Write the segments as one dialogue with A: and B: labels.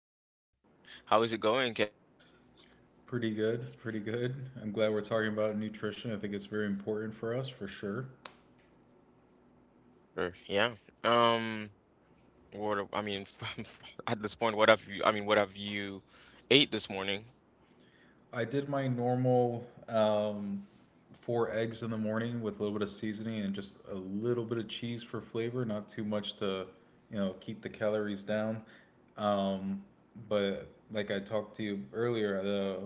A: this one. How is it going, Kev?
B: Pretty good, pretty good. I'm glad we're talking about nutrition. I think it's very important for us for sure.
A: Sure. Yeah. Um. What? I mean, at this point, what have you? I mean, what have you ate this morning?
B: I did my normal four eggs in the morning with a little bit of seasoning and just a little bit of cheese for flavor, not too much to, you know, keep the calories down. Um, but like I talked to you earlier, the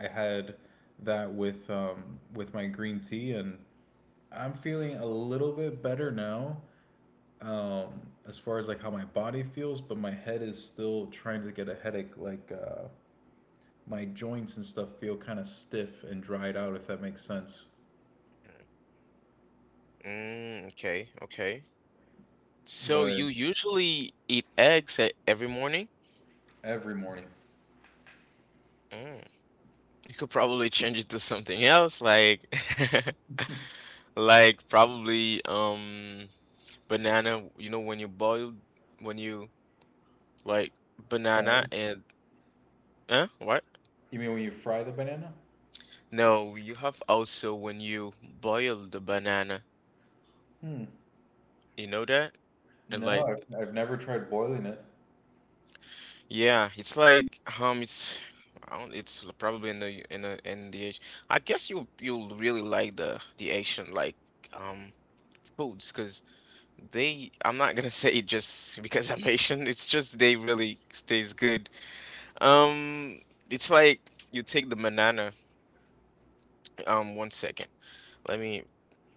B: I had that with my green tea and I'm feeling a little bit better now. um, as far as like how my body feels, but my head is still trying to get a headache. Like my joints and stuff feel kind of stiff and dried out, if that makes sense.
A: Mm, okay. Okay. So
B: But
A: you usually eat eggs every morning?
B: every morning,
A: Mm. You could probably change it to something else, like like probably banana. You know when you like banana
B: fry.
A: and huh? What?
B: You mean when you fry the banana?
A: No, you have also when you boil the banana.
B: Hmm.
A: You know that? And
B: No,
A: like
B: I've never tried boiling it.
A: yeah, it's like it's I don't. It's probably in the I guess you'll really like the Asian like um foods, cause they, I'm not gonna say just because I'm Haitian. It's just they really stays good. Um, it's like you take the banana. One second. Let me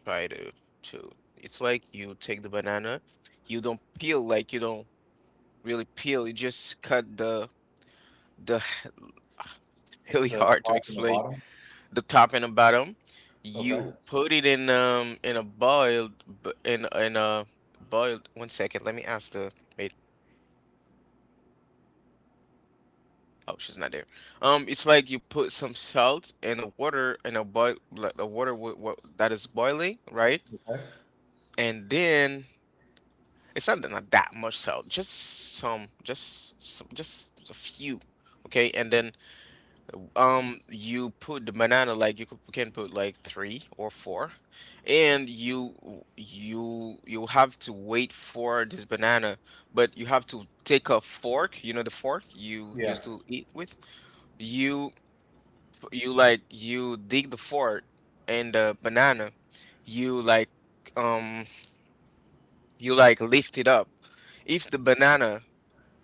A: try to. It's like you take the banana. You don't peel like you don't really peel. You just cut the. It's really
B: The
A: hard to
B: top and the
A: explain.
B: bottom.
A: The top and the bottom.
B: Okay.
A: You put it in a in a boiled. One second. Let me ask the maid. Oh, she's not there. It's like you put some salt in a water in a boil like the water w w that is boiling, right?
B: Okay.
A: And then it's not that much salt, just some, just a few, okay? And then you put the banana like you can put like three or four, and you have to wait for this banana, but you have to take a fork, you know the fork you
B: Yeah.
A: used to eat with. You you like you dig the fort and the banana you like um you like lift it up if the banana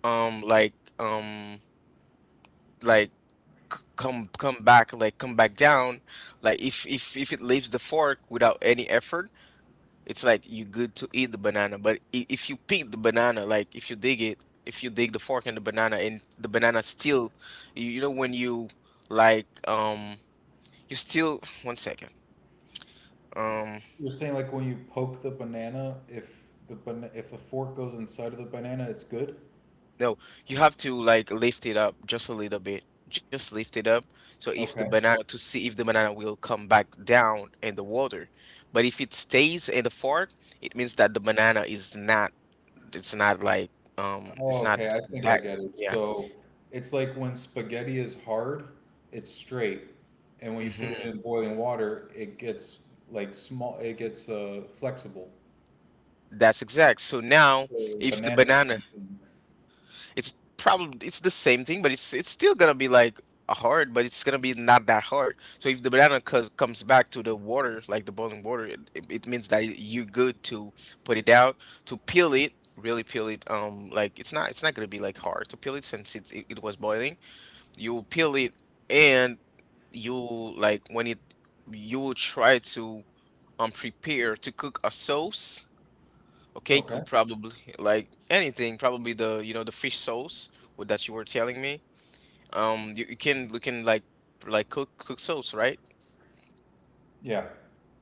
A: um like um like come back like come back down like if it leaves the fork without any effort, it's like you good to eat the banana, but if you pick the banana, like if you dig the fork and the banana still you know when you like um you still one second um
B: You're saying like when you poke the banana, if if the fork goes inside of the banana, it's good.
A: No, you have to like lift it up just a little bit. Just lift it up. So if the
B: Okay.
A: banana to see if the banana will come back down in the water. But if it stays in the fork, it means that the banana is not like
B: Oh,
A: it's not
B: okay, I think I
A: that.
B: get it.
A: Yeah.
B: So it's like when spaghetti is hard, it's straight, and when you put it
A: hmm
B: in boiling water, it gets like small, it gets flexible.
A: That's exact. So now,
B: So
A: if the
B: bananas the
A: banana
B: same thing.
A: It's probably it's the same thing, but it's still gonna be like a hard, but it's gonna be not that hard. So if the banana co comes back to the water, like the boiling water, it means that you're good to put it out, to peel it, really peel it. Like it's not gonna be like hard to peel it since it was boiling. You will peel it and you like when it you will try to prepare to cook a sauce. Okay,
B: Okay.
A: could probably like anything, probably the you know the fish sauce with that you were telling me. You can like cook sauce, right?
B: Yeah.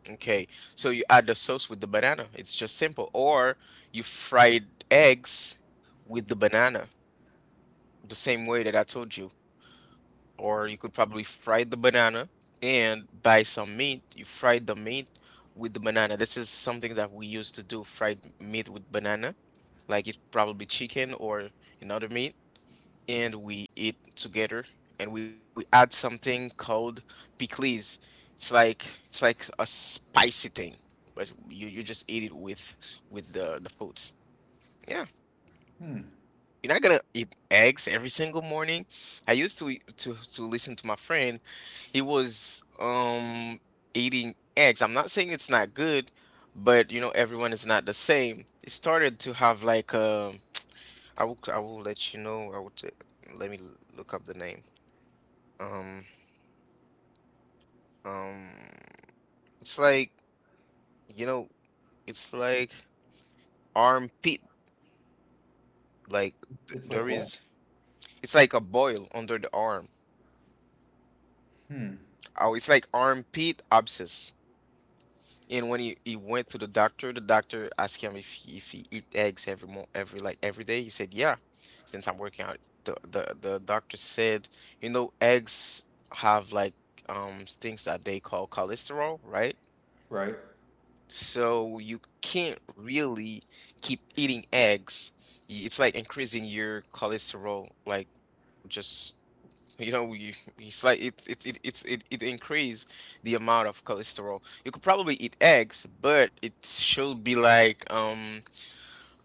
A: Okay, so you add the sauce with the banana. It's just simple. Or you fried eggs with the banana, the same way that I told you. Or you could probably fry the banana and buy some meat. You fry the meat with the banana. This is something that we used to do, fried meat with banana. Like it's probably chicken or another meat, and we eat together, and we add something called pickles. It's like a spicy thing, but you just eat it with the food. Yeah,
B: Hmm.
A: you're not gonna eat eggs every single morning. I used to listen to my friend. He was eating eggs. I'm not saying it's not good, but you know everyone is not the same. It started to have like. I will let you know. Let me look up the name. Um, um, it's like, you know, it's like armpit. Like, th-
B: It's like
A: there
B: what?
A: is, it's like a boil under the arm.
B: Hmm.
A: Oh, it's like armpit abscess. And when he went to the doctor asked him if he eat eggs every mo every like every day. He said, yeah. Since I'm working out, the doctor said, you know, eggs have like things that they call cholesterol, right?
B: Right.
A: So you can't really keep eating eggs. It's like increasing your cholesterol, like just you know, it's like it's it, it increase the amount of cholesterol. You could probably eat eggs, but it should be like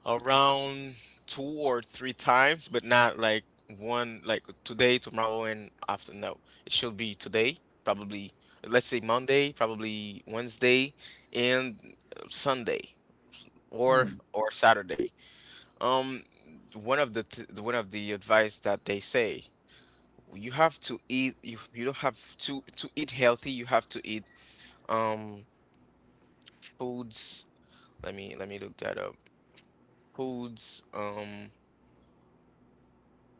A: around two or three times, but not like one, like today, tomorrow, and after. No, it should be today, probably let's say Monday, probably Wednesday, and Sunday or
B: Hmm.
A: or Saturday. Um, one of the advice that they say you don't have to eat healthy. You have to eat um foods. Let me look that up. Foods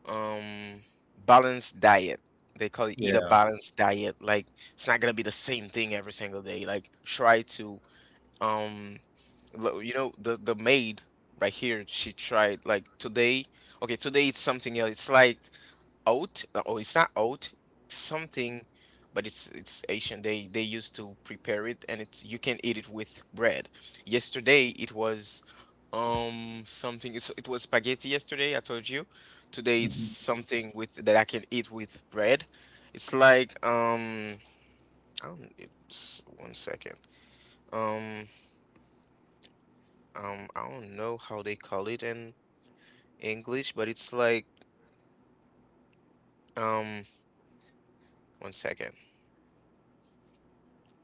A: um balanced diet. They call it eat a
B: Yeah.
A: balanced diet. Like it's not gonna be the same thing every single day. Like try to um you know, the maid right here, she tried like today. Okay, today it's something else. It's like oat. Oh, it's not oat. It's like something, but it's Asian. They used to prepare it, and it's you can eat it with bread. Yesterday it was something. It was spaghetti yesterday. I told you. Today it's
B: Mhm.
A: something with that I can eat with bread. It's like I don't. One second. Um I don't know how they call it in English, but it's like um one second.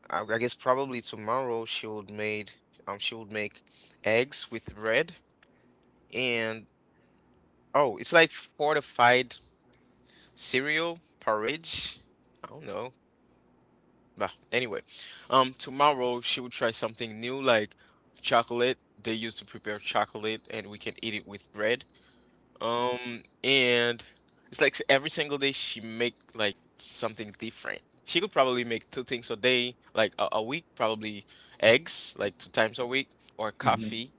A: I guess probably tomorrow she would make eggs with bread, and oh it's like fortified cereal porridge. I don't know. But anyway, tomorrow she would try something new like chocolate. They used to prepare chocolate and we can eat it with bread. And it's like every single day she make like something different. She could probably make two things a day, like a week, probably eggs, like two times a week, or
B: Mhm.
A: coffee,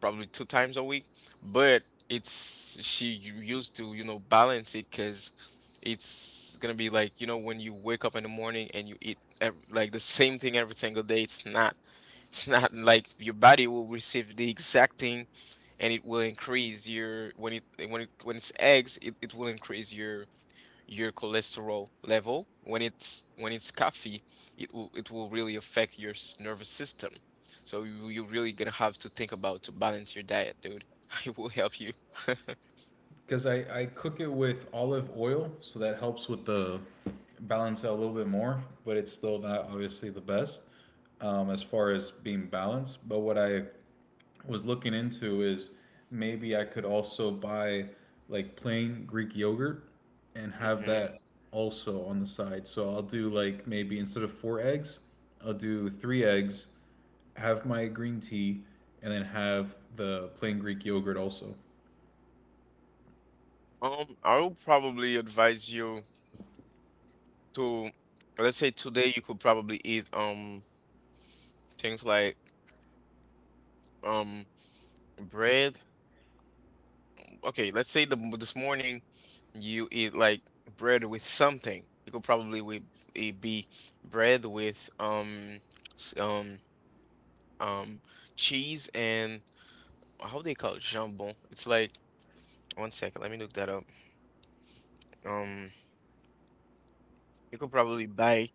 A: probably two times a week. But it's she used to, you know, balance it, because it's gonna be like, you know, when you wake up in the morning and you eat ev like the same thing every single day, it's not like your body will receive the exact thing, and it will increase your when it's eggs, it will increase your cholesterol level. When it's coffee, it will really affect your nervous system. So you really gonna have to think about to balance your diet, dude. It will help you.
B: Because I cook it with olive oil, so that helps with the balance out a little bit more, but it's still not obviously the best as far as being balanced. But what I was looking into is maybe I could also buy like plain Greek yogurt and have
A: hmm
B: that also on the side. So I'll do like maybe instead of four eggs, I'll do three eggs, have my green tea, and then have the plain Greek yogurt also.
A: I would probably advise you to, let's say today you could probably eat things like um bread. Okay, let's say the this morning you eat like bread with something. It could probably with it be bread with s- um um cheese and how they call it jambon. It's like one second, let me look that up. Um, you could probably buy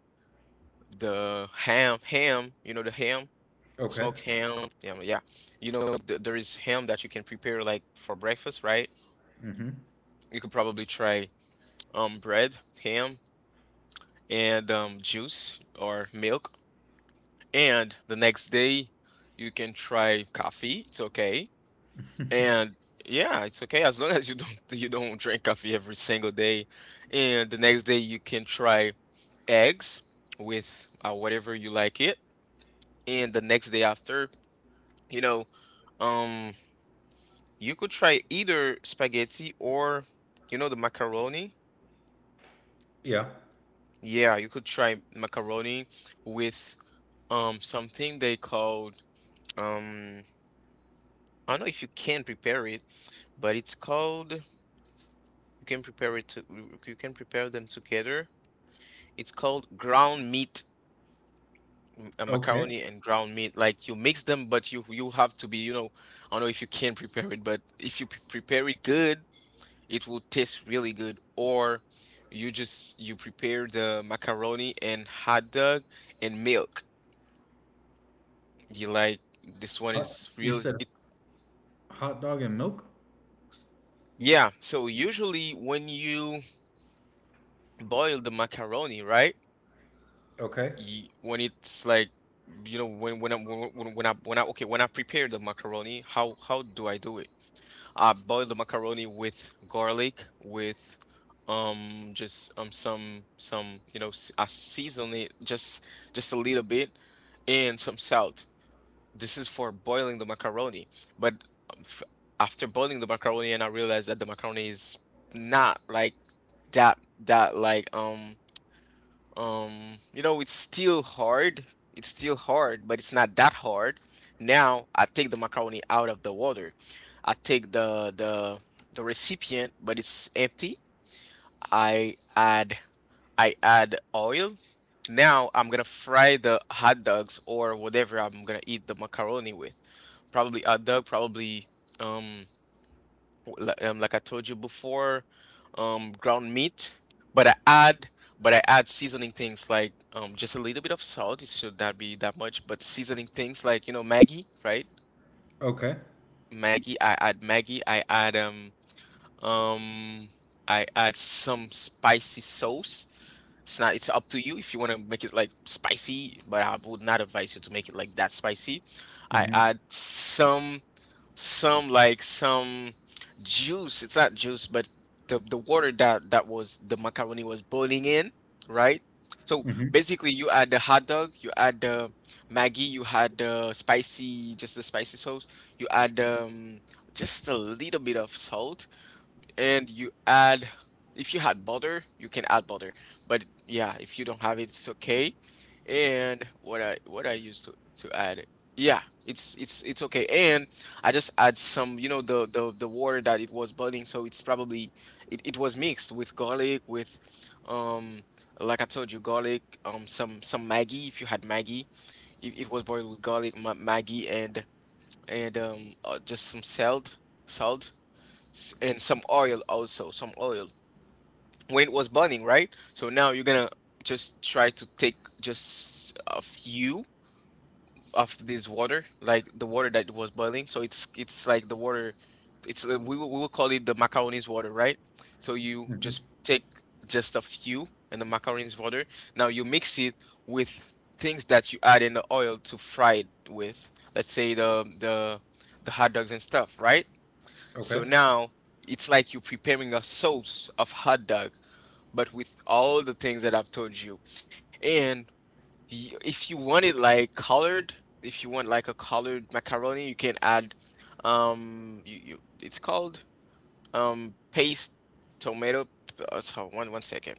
A: the ham, You know the ham,
B: Okay.
A: smoked ham. Yeah, yeah. You know th there is ham that you can prepare like for breakfast, right?
B: Mm-hmm.
A: You could probably try bread, ham, and juice or milk. And the next day, you can try coffee. It's okay. And yeah, it's okay as long as you don't drink coffee every single day. And the next day, you can try eggs with whatever you like it. And the next day after, you know, um, you could try either spaghetti or you know the macaroni.
B: Yeah.
A: Yeah, you could try macaroni with something they called. Um, I don't know if you can prepare it, but it's called you can prepare them together. It's called ground meat,
B: Okay.
A: macaroni and ground meat. Like you mix them, but you have to be, I don't know if you can prepare it, but if you prepare it good, it will taste really good. Or you just you prepare the macaroni and hot dog and milk. You like this one
B: Hot,
A: is
B: you
A: real
B: said
A: it
B: hot dog and milk?
A: yeah, so usually when you boil the macaroni, right?
B: Okay.
A: y- when it's like when I okay When I prepare the macaroni, how do I do it? I boil the macaroni with garlic, with just some I season it just a little bit and some salt. This is for boiling the macaroni. But um, f- after boiling the macaroni, and I realized that the macaroni is not like that that like you know, it's still hard. It's still hard, but it's not that hard. Now I take the macaroni out of the water. I take the recipient, but it's empty. I add I add oil. Now I'm gonna fry the hot dogs or whatever I'm gonna eat the macaroni with. Probably hot dog, probably um like I told you before, ground meat, but I add seasoning things like just a little bit of salt. It should not be that much, but seasoning things like, Maggie, right?
B: Okay.
A: Maggie, I add Maggie. Um I add some spicy sauce. It's not. It's up to you if you want to make it like spicy, but I would not advise you to make it like that spicy. I
B: Mm-hmm.
A: add some, some juice. It's not juice, but the water that that was the macaroni was boiling in, right? So
B: Mm-hmm.
A: basically, you add the hot dog, you add the Maggi, you add the spicy, just the spicy sauce. You add just a little bit of salt, and you add, if you had butter you can add butter, but yeah, if you don't have it it's okay. And what I used to add it, yeah, it's it's okay. And I just add some, the water that it was boiling, so it's probably, it was mixed with garlic, with um like I told you, garlic, some Maggi if you had Maggi, it was boiled with garlic ma Maggi, and just some salt, salt and some oil also, some oil, when it was burning, right? So now you're gonna just try to take just a few of this water, like the water that was boiling. So it's like the water. It's we will call it the macaroni's water, right? So you
B: Mm-hmm.
A: just take just a few and the macaroni's water. Now you mix it with things that you add in the oil to fry it with. Let's say the hot dogs and stuff, right?
B: Okay.
A: So now it's like you're preparing a sauce of hot dog, but with all the things that I've told you. And if you want it like colored, if you want like a colored macaroni, you can add you, you it's called paste tomato, so one one second.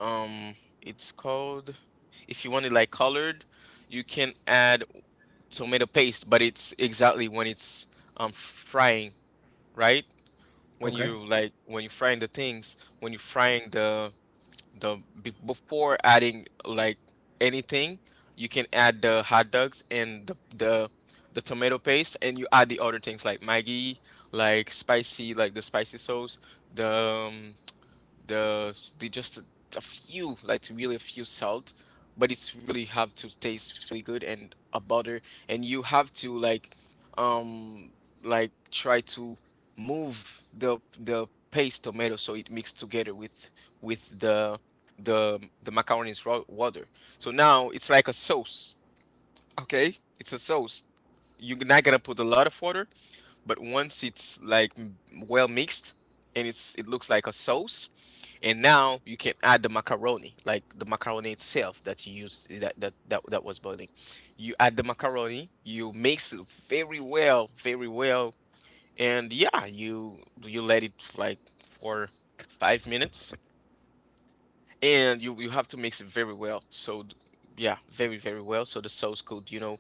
A: Um it's called, if you want it like colored, you can add tomato paste, but it's exactly when it's frying, right?
B: Okay.
A: When you frying the things, when you frying the be- before adding like anything, you can add the hot dogs and the tomato paste, and you add the other things like Maggi, like spicy, like the spicy sauce, the um, the they just a few, like really a few salt, but it's really have to taste really good, and a butter, and you have to like um try to move the paste tomato so it mixed together with with the the macaroni's water. So now it's like a sauce, okay? It's a sauce. You're not gonna put a lot of water, but once it's well mixed, and it looks like a sauce, and now you can add the macaroni, like the macaroni itself that you used that was boiling. You add the macaroni, you mix it very well, very well, and yeah, you let it like for 5 minutes, and you have to mix it very well. So yeah, very very well. So the sauce could,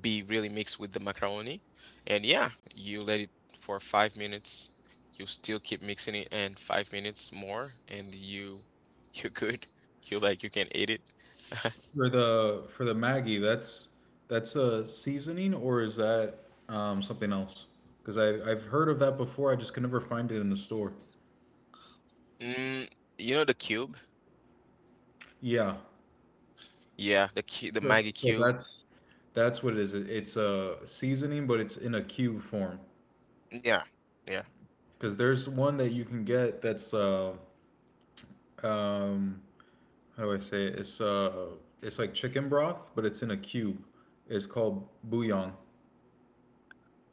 A: be really mixed with the macaroni. And yeah, you let it for 5 minutes. You still keep mixing it, and 5 minutes more, and you you're good. You, like you can eat it.
B: For the Maggie, that's a seasoning or is that something else? Because I I've heard of that before. I just can never find it in the store.
A: Mm, you know the cube?
B: Yeah.
A: Yeah, the
B: So
A: Maggie
B: so
A: cube.
B: that's what it is. It- It's a seasoning, but it's in a cube form.
A: Yeah. Yeah.
B: Because there's one that you can get that's um how do I say it? It's like chicken broth, but it's in a cube. It's called bouillon.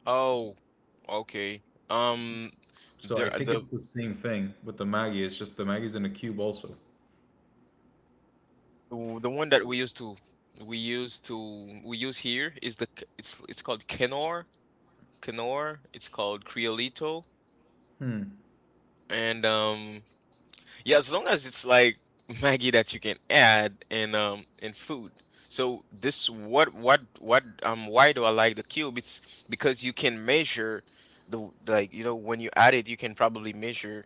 A: Oh, okay. Um
B: So I think
A: the
B: it's the same thing with the maggi. It's just the Maggie's in a cube also.
A: the one that we used to we use here is the it's called Knorr. Knorr. It's called Creolito. And yeah, as long as it's like Maggie that you can add in food. So, this what why do I like the cube? It's because you can measure the like you know when you add it, you can probably measure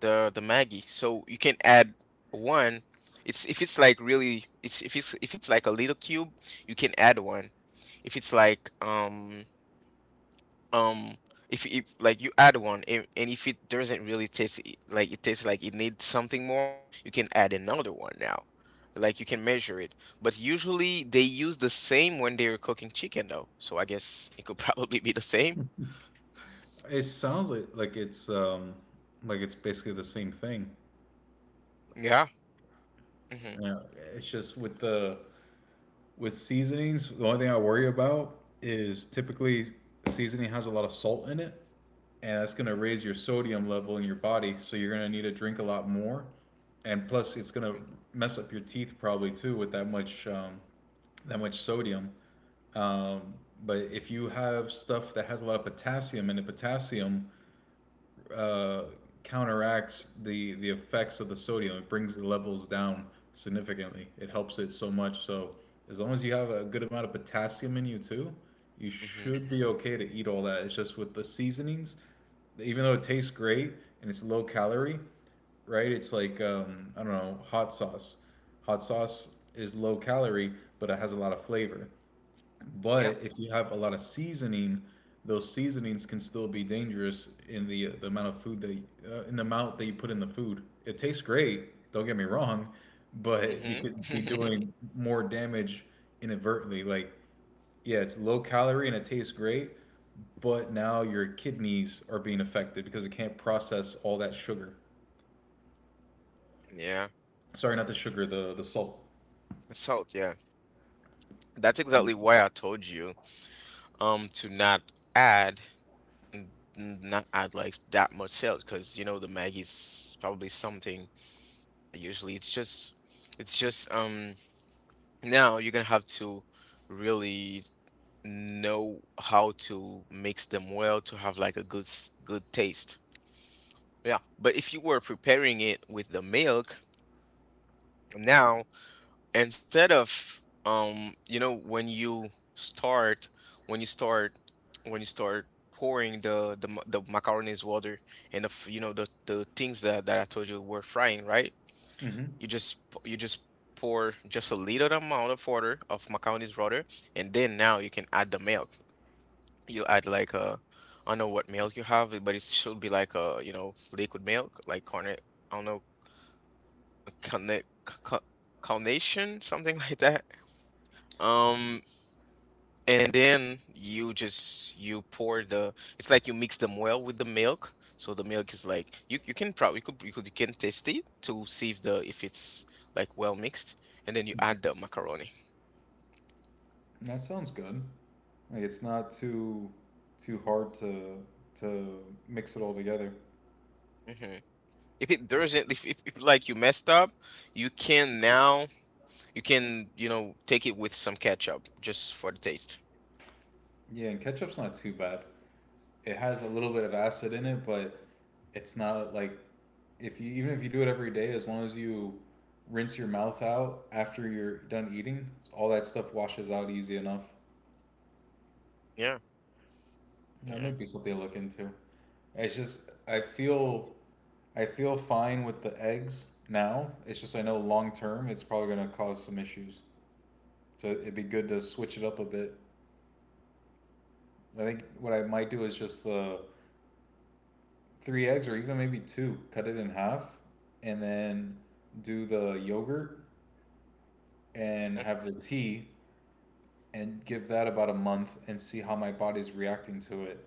A: the Maggie. So you can add one. It's If it's like really, it's if it's like a little cube, you can add one. If it's um if like, you add one, and if it doesn't really tastes like it needs something more, you can add another one. Now, like you can measure it, but usually they use the same when they're cooking chicken though, so I guess it could probably be the same.
B: It sounds like it's basically the same thing.
A: Yeah, mm-hmm.
B: Yeah, it's just with the with seasonings, the only thing I worry about is typically seasoning has a lot of salt in it, and that's going to raise your sodium level in your body. So you're going to need to drink a lot more, and plus it's going to mess up your teeth probably too with that much that much sodium. Um, but if you have stuff that has a lot of potassium in it, potassium uh, counteracts the effects of the sodium. It brings the levels down significantly. It helps it so much. So as long as you have a good amount of potassium in you too, you
A: Mm-hmm.
B: should be okay to eat all that. It's just with the seasonings, even though it tastes great and it's low calorie, right? It's like I don't know, hot sauce. Hot sauce is low calorie, but it has a lot of flavor.
A: Yeah,
B: But if you have a lot of seasoning, those seasonings can still be dangerous in the amount of food that in the amount that you put in the food. It tastes great, don't get me wrong, but you could be
A: mm-hmm.
B: doing more damage inadvertently. Like, yeah, it's low calorie and it tastes great, but now your kidneys are being affected because it can't process all that sugar.
A: Yeah.
B: Sorry, not the sugar, the salt.
A: Salt, yeah, that's
B: Um,
A: exactly why I told you to not add, n- not add like that much sales, because, the Maggie's probably something that usually, it's just now you're gonna have to really know how to mix them well to have like a good, good taste. Yeah, but if you were preparing it with the milk, now, instead of, when you start, when you start when you start pouring the macaroni's water, and the f- you know the things that, I told you were frying, right?
B: mhm.
A: You just pour just a little amount of water, of macaroni's water, and then now you can add the milk. You add like a, I don't know what milk you have, but it should be like a, liquid milk, like cornet, I don't know, uh, carnet, ca- ca- carnation something like that. um And then you just you pour the it's like you mix them well with the milk. So the milk is like, you can probably you could you could you can taste it to see if the if it's like well mixed. And then you add the macaroni.
B: That sounds good. Like it's not too too hard to mix it all together.
A: Hmm. If it doesn't, if like you messed up, you can now, you can, take it with some ketchup just for the taste.
B: Yeah, and ketchup's not too bad. It has a little bit of acid in it, but it's not like if you even if you do it every day, as long as you rinse your mouth out after you're done eating, all that stuff washes out easy enough.
A: Yeah.
B: That
A: Yeah.
B: might be something to look into. It's just I feel I feel fine with the eggs now. It's just I know long term it's probably gonna cause some issues. So it'd be good to switch it up a bit. I think what I might do is just the three eggs or even maybe two, cut it in half, and then do the yogurt and
A: Mhm.
B: have the tea and give that about a month and see how my body's reacting to it.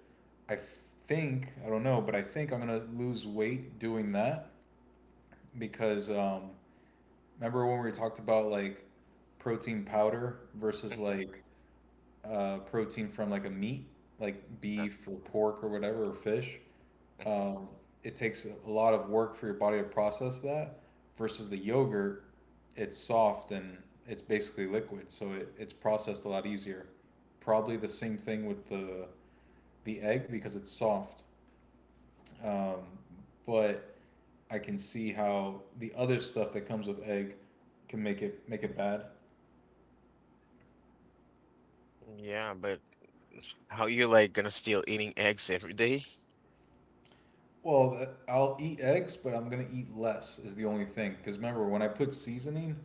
B: I think, I don't know, but I think I'm going to lose weight doing that because remember when we talked about like protein powder versus
A: Mhm.
B: like protein from like a meat, like
A: Yeah.
B: beef or pork or whatever or fish.
A: Mhm.
B: Um, it takes a lot of work for your body to process that. Versus the yogurt, it's soft and it's basically liquid, so it's processed a lot easier. Probably the same thing with the egg because it's soft. Um, but I can see how the other stuff that comes with egg can make it bad.
A: Yeah, but how you like gonna still eating eggs every day?
B: Well, I'll eat eggs, but I'm gonna eat less is the only thing. Cause remember, when I put seasoning,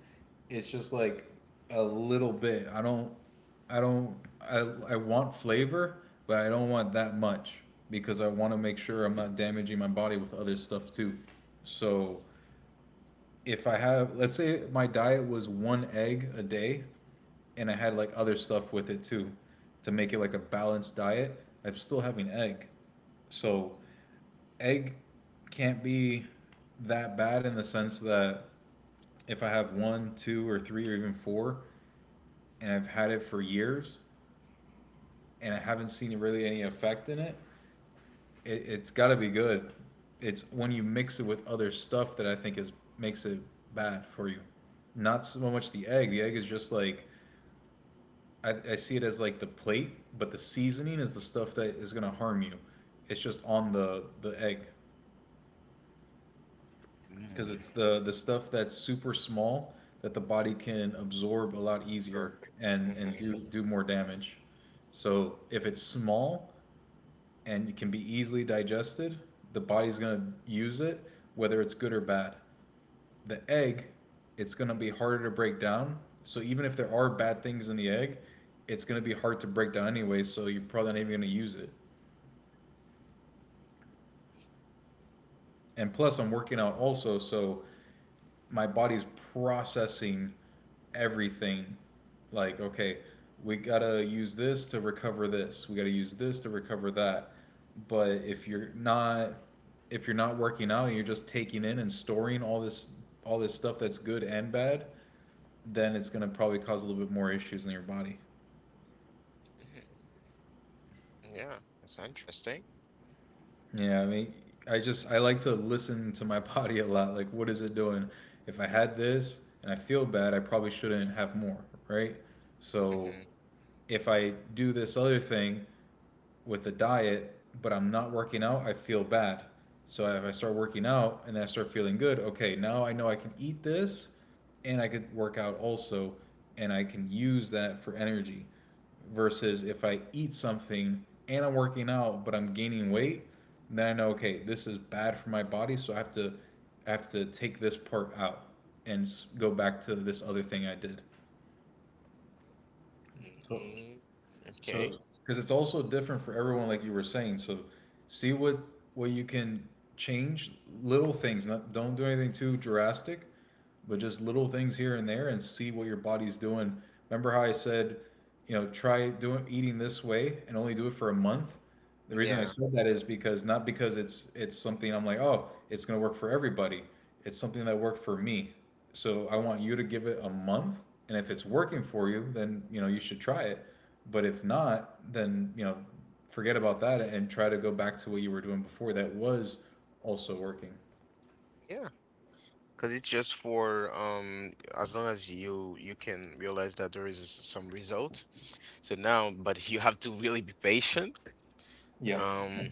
B: it's just like a little bit. I don't, I I want flavor, but I don't want that much because I want to make sure I'm not damaging my body with other stuff too. So if I have, let's say my diet was one egg a day, and I had like other stuff with it too, to make it like a balanced diet, I'm still having egg. So egg can't be that bad in the sense that if I have one, two, or three, or even four, and I've had it for years and I haven't seen really any effect in it, it it's got to be good. It's when you mix it with other stuff that I think is makes it bad for you. Not so much the egg. The egg is just like I see it as like the plate, but the seasoning is the stuff that is gonna harm you. It's just on the egg. Because
A: Mm.
B: it's the stuff that's super small that the body can absorb a lot easier
A: Or-
B: and
A: Mm-hmm.
B: do more damage. So if it's small and it can be easily digested, the body's gonna use it whether it's good or bad. The egg, it's gonna be harder to break down. So even if there are bad things in the egg, it's gonna be hard to break down anyway. So you're probably not even gonna use it. And plus, I'm working out also, so my body's processing everything. Like, okay, we gotta use this to recover this. We gotta use this to recover that. But if you're not working out and you're just taking in and storing all this stuff that's good and bad, then it's gonna probably cause a little bit more issues in your body.
A: Hmm. Yeah, that's interesting.
B: Yeah, I mean, I like to listen to my body a lot. Like, what is it doing? If I had this and I feel bad, I probably shouldn't have more, right? So
A: Mm-hmm.
B: if I do this other thing with the diet, but I'm not working out, I feel bad. So if I start working out and I start feeling good, okay, now I know I can eat this and I could work out also and I can use that for energy. Versus if I eat something and I'm working out but I'm gaining weight, then I know okay, this is bad for my body, so I have to take this part out and go back to this other thing I did. So
A: Mm-hmm, okay.
B: so, because it's also different for everyone, like you were saying. So, see what you can change, little things. Not don't do anything too drastic, but just little things here and there, and see what your body's doing. Remember how I said, you know, try doing eating this way and only do it for a month. The reason I
A: Yeah.
B: said that is because not because it's something I'm like, oh, it's gonna work for everybody. It's something that worked for me. So I want you to give it a month, and if it's working for you, then you know you should try it. But if not, then you know forget about that and try to go back to what you were doing before that was also working.
A: Yeah. Because it's just for, as long as you can realize that there is some result. So now, but you have to really be patient.
B: Yep,
A: Um.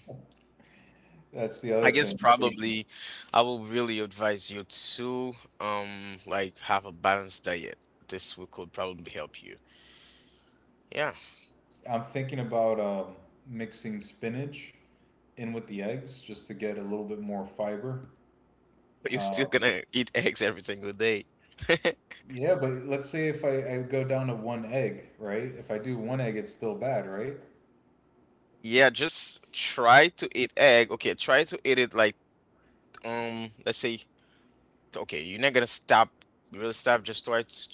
B: that's the other
A: I guess
B: thing.
A: probably
B: Patience.
A: I will really advise you to, um like, have a balanced diet. This will could probably help you. Yeah,
B: I'm thinking about mixing spinach in with the eggs just to get a little bit more fiber.
A: but you're still
B: Um,
A: gonna eat eggs every single day.
B: Yeah, but let's say if I go down to one egg, right? If I do one egg, it's still bad, right?
A: Yeah, just try to eat egg. Okay, try to eat it like, let's say, okay, you're not gonna stop, really stop. Just try to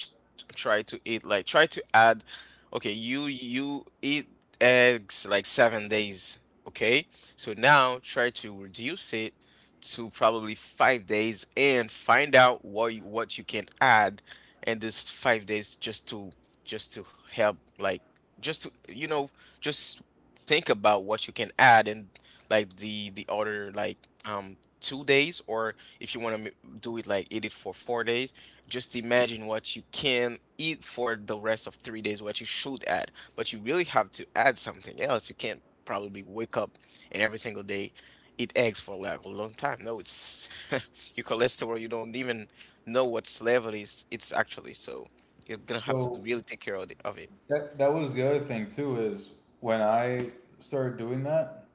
A: try to eat like try to add. Okay, you eat eggs like 7 days. Okay, so now try to reduce it to probably 5 days, and find out what you can add in this 5 days, just to, just to help like just to you know just think about what you can add in, like the other, like, 2 days, or if you want to do it like, eat it for 4 days. Just imagine what you can eat for the rest of 3 days, what you should add. But you really have to add something else. You can't probably wake up and every single day eat eggs for like a long time. No, it's your cholesterol. You don't even know what level is it's actually. So you're gonna have to
B: So
A: really take care of it.
B: that was the other thing too is when I started doing that,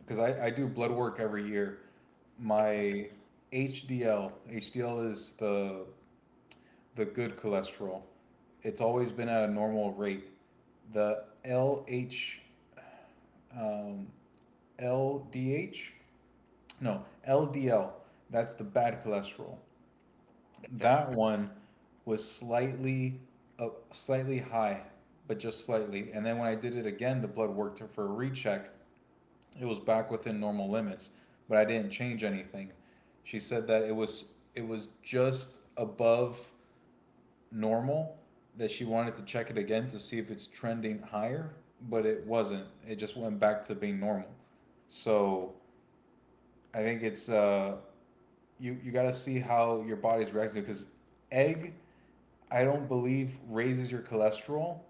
B: because I do blood work every year,
A: Hmm.
B: my HDL, HDL is the good cholesterol. It's always been at a normal rate. The LH, um, LDH, no, LDL, that's the bad cholesterol. That one was slightly slightly high, but just slightly. And then when I did it again, the blood worked for a recheck. It was back within normal limits, but I didn't change anything. She said that it was just above normal, that she wanted to check it again to see if it's trending higher, but it wasn't. It just went back to being normal. So I think it's you got to see how your body's reacting because egg I don't believe raises your cholesterol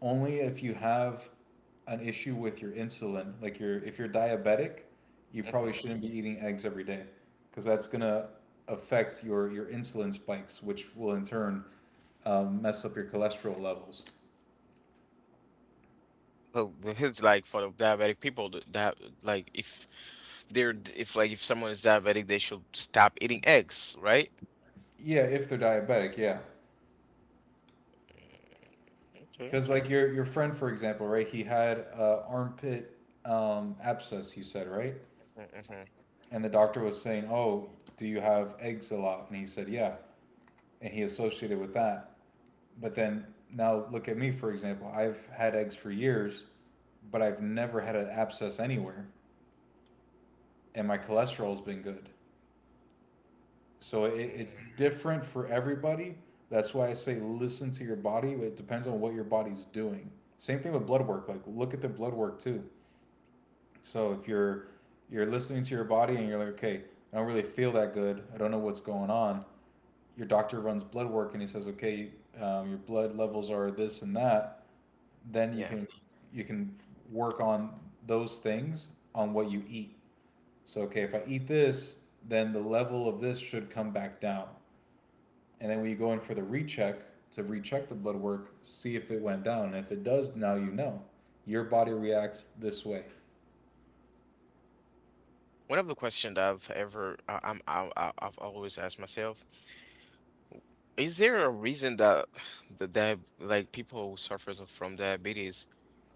B: only if you have an issue with your insulin. Like you're if you're diabetic, you probably
A: Hmm.
B: shouldn't be eating eggs every day because that's gonna affect your insulin spikes, which will in turn mess up your cholesterol levels.
A: Well, but it's like for the diabetic people like, if they're d- if like, if someone is diabetic, they should stop eating eggs, right?
B: Yeah, if they're diabetic, yeah.
A: Okay.
B: Because like your friend, for example, right? He had a armpit abscess. You said right,
A: Mm-hmm.
B: and the doctor was saying, "Oh, do you have eggs a lot?" And he said, "Yeah," and he associated with that. But then now look at me, for example. I've had eggs for years, but I've never had an abscess anywhere, and my cholesterol's been good. So it's
A: Hmm.
B: different for everybody. That's why I say listen to your body. It depends on what your body's doing. Same thing with blood work. Like look at the blood work too. So if you're listening to your body and you're like, okay, I don't really feel that good. I don't know what's going on. Your doctor runs blood work and he says, okay, your blood levels are this and that, then you
A: Yeah.
B: can you can work on those things on what you eat. So okay, if I eat this, then the level of this should come back down. And then when you go in for the recheck to recheck the blood work, see if it went down. And if it does, now you know. Your body reacts this way.
A: One of the questions I've ever I, I'm I- I've always asked myself, is there a reason that the di like people who suffer from diabetes,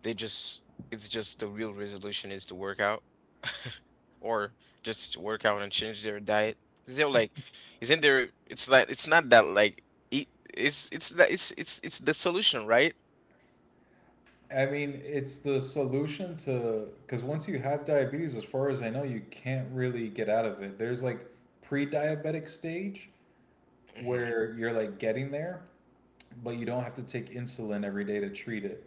A: they just, it's just, the real resolution is to work out, or just work out and change their diet? Is there, like, isn't there, it's like, it's not that, like, it. It's it's the solution, right?
B: I mean, it's the solution to because once you have diabetes, as far as I know, you can't really get out of it. There's like pre-diabetic stage where you're like getting there, but you don't have to take insulin every day to treat it.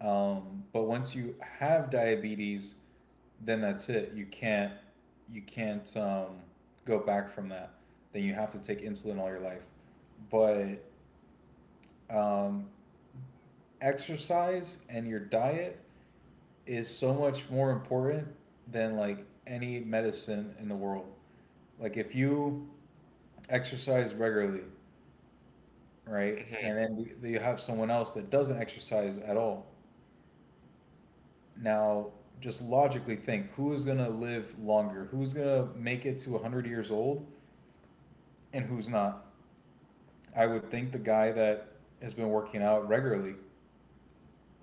B: But once you have diabetes, then that's it. You can't go back from that. Then you have to take insulin all your life. But um, exercise and your diet is so much more important than like any medicine in the world. Like if you exercise regularly, right, and
A: Hmm.
B: then you have someone else that doesn't exercise at all. Now, just logically think who is going to live longer? Who's going to make it to 100 years old and who's not? I would think the guy that has been working out regularly.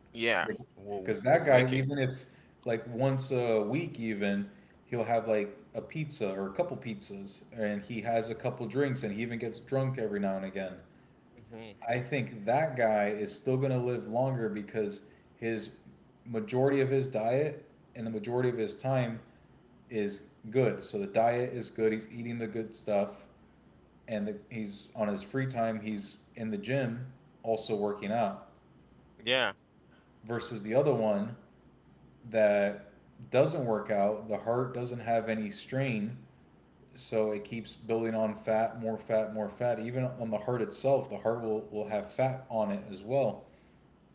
A: Yeah, we'll
B: Because
A: we'll
B: that
A: make
B: guy,
A: it.
B: even if like once a week, even he'll have like a pizza or a couple pizzas and he has a couple drinks and he even gets drunk every now and again.
A: Hmm.
B: I think that guy is still going to live longer because his majority of his diet and the majority of his time is good. So the diet is good. He's eating the good stuff, and he's on his free time. He's in the gym, also working out.
A: Yeah,
B: Versus the other one that doesn't work out. The heart doesn't have any strain, so it keeps building on fat, more fat, more fat. Even on the heart itself, the heart will have fat on it as well.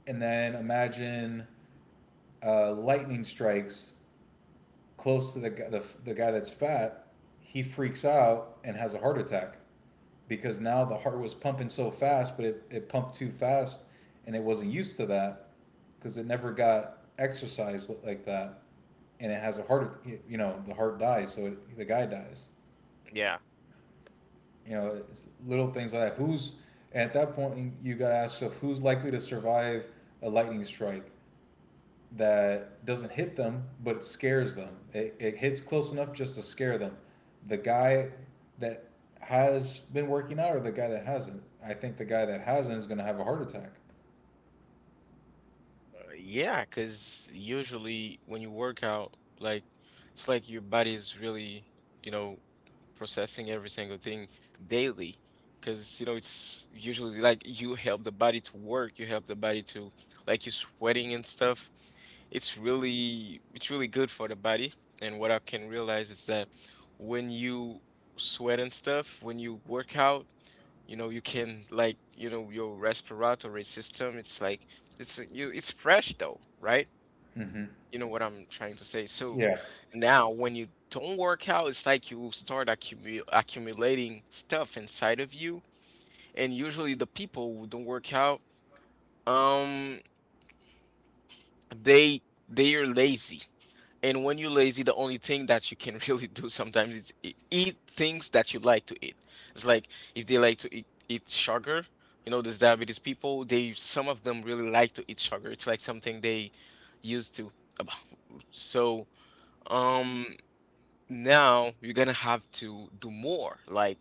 B: And then imagine lightning strikes close to the, the guy that's fat. He freaks out and has a heart attack because now the heart was pumping so fast, but it pumped too fast and it wasn't used to that because it never got exercised like that. And it has a heart, you know, the heart dies, so the guy dies.
A: yeah,
B: You know, it's little things like that. Who's at that point you got to ask yourself who's likely to survive a lightning strike that doesn't hit them, but it scares them. It hits close enough just to scare them. The guy that has been working out or the guy that hasn't, I think the guy that hasn't is going to have a heart attack.
A: yeah. Because usually when you work out, like, it's like your body is really, you know, processing every single thing daily. Because, it's usually like, you help the body to work, you help the body to, like, you sweating and stuff. It's really good for the body. And what I can realize is that when you sweat and stuff, when you work out, you can, like, your respiratory system, it's like, it's you it's fresh though, right?
B: Mm-hmm.
A: You know what I'm trying to say, so
B: Yeah.
A: now when you don't work out, it's like you start accumulating stuff inside of you, and usually the people who don't work out, um they they are lazy. And when you're lazy, the only thing that you can really do sometimes is eat things that you like to eat. It's like if they like to eat sugar. These diabetes people, they some of them really like to eat sugar. It's like something they used to. ab- So, um, now you're gonna have to do more. Like,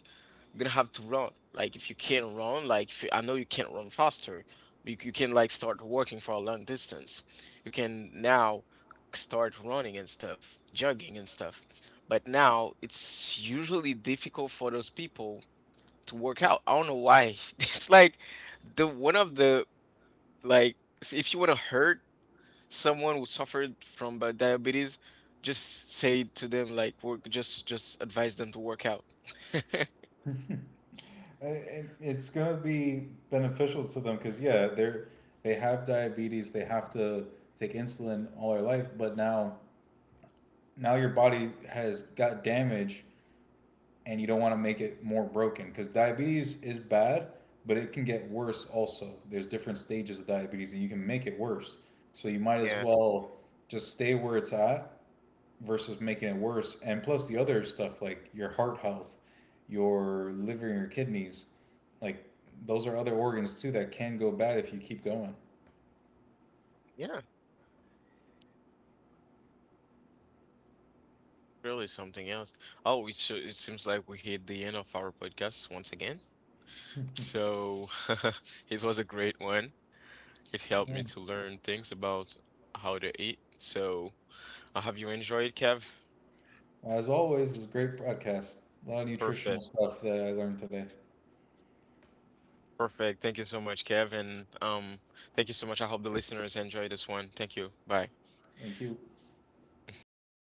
A: you're gonna have to run. Like if you can't run, like, if you, I know you can't run faster, you can, like, start working for a long distance. You can now start running and stuff, jogging and stuff. But now it's usually difficult for those people to work out. I don't know why. It's like the one of the like if you want to hurt someone who suffered from, diabetes, just say to them, just advise them to work out.
B: It's going to be beneficial to them because, yeah, they're, they have diabetes, they have to take insulin all their life, but now now your body has got damage and you don't want to make it more broken because diabetes is bad, but it can get worse also. There's different stages of diabetes, and you can make it worse. So you might as well just stay where it's at versus making it worse. And plus the other stuff like your heart health, your liver, your kidneys, like those are other organs too that can go bad if you keep going.
A: Yeah. Really something else. Oh, it so it seems like we hit the end of our podcast once again. So it was a great one. It helped
B: Yeah.
A: me to learn things about how to eat. So, have you enjoyed, Kev?
B: As always, it was a great podcast. A lot of nutritional
A: Perfect.
B: stuff that I learned today.
A: Perfect. Thank you so much, Kev. And, thank you so much. I hope the listeners enjoy this one. Thank you. Bye.
B: Thank you.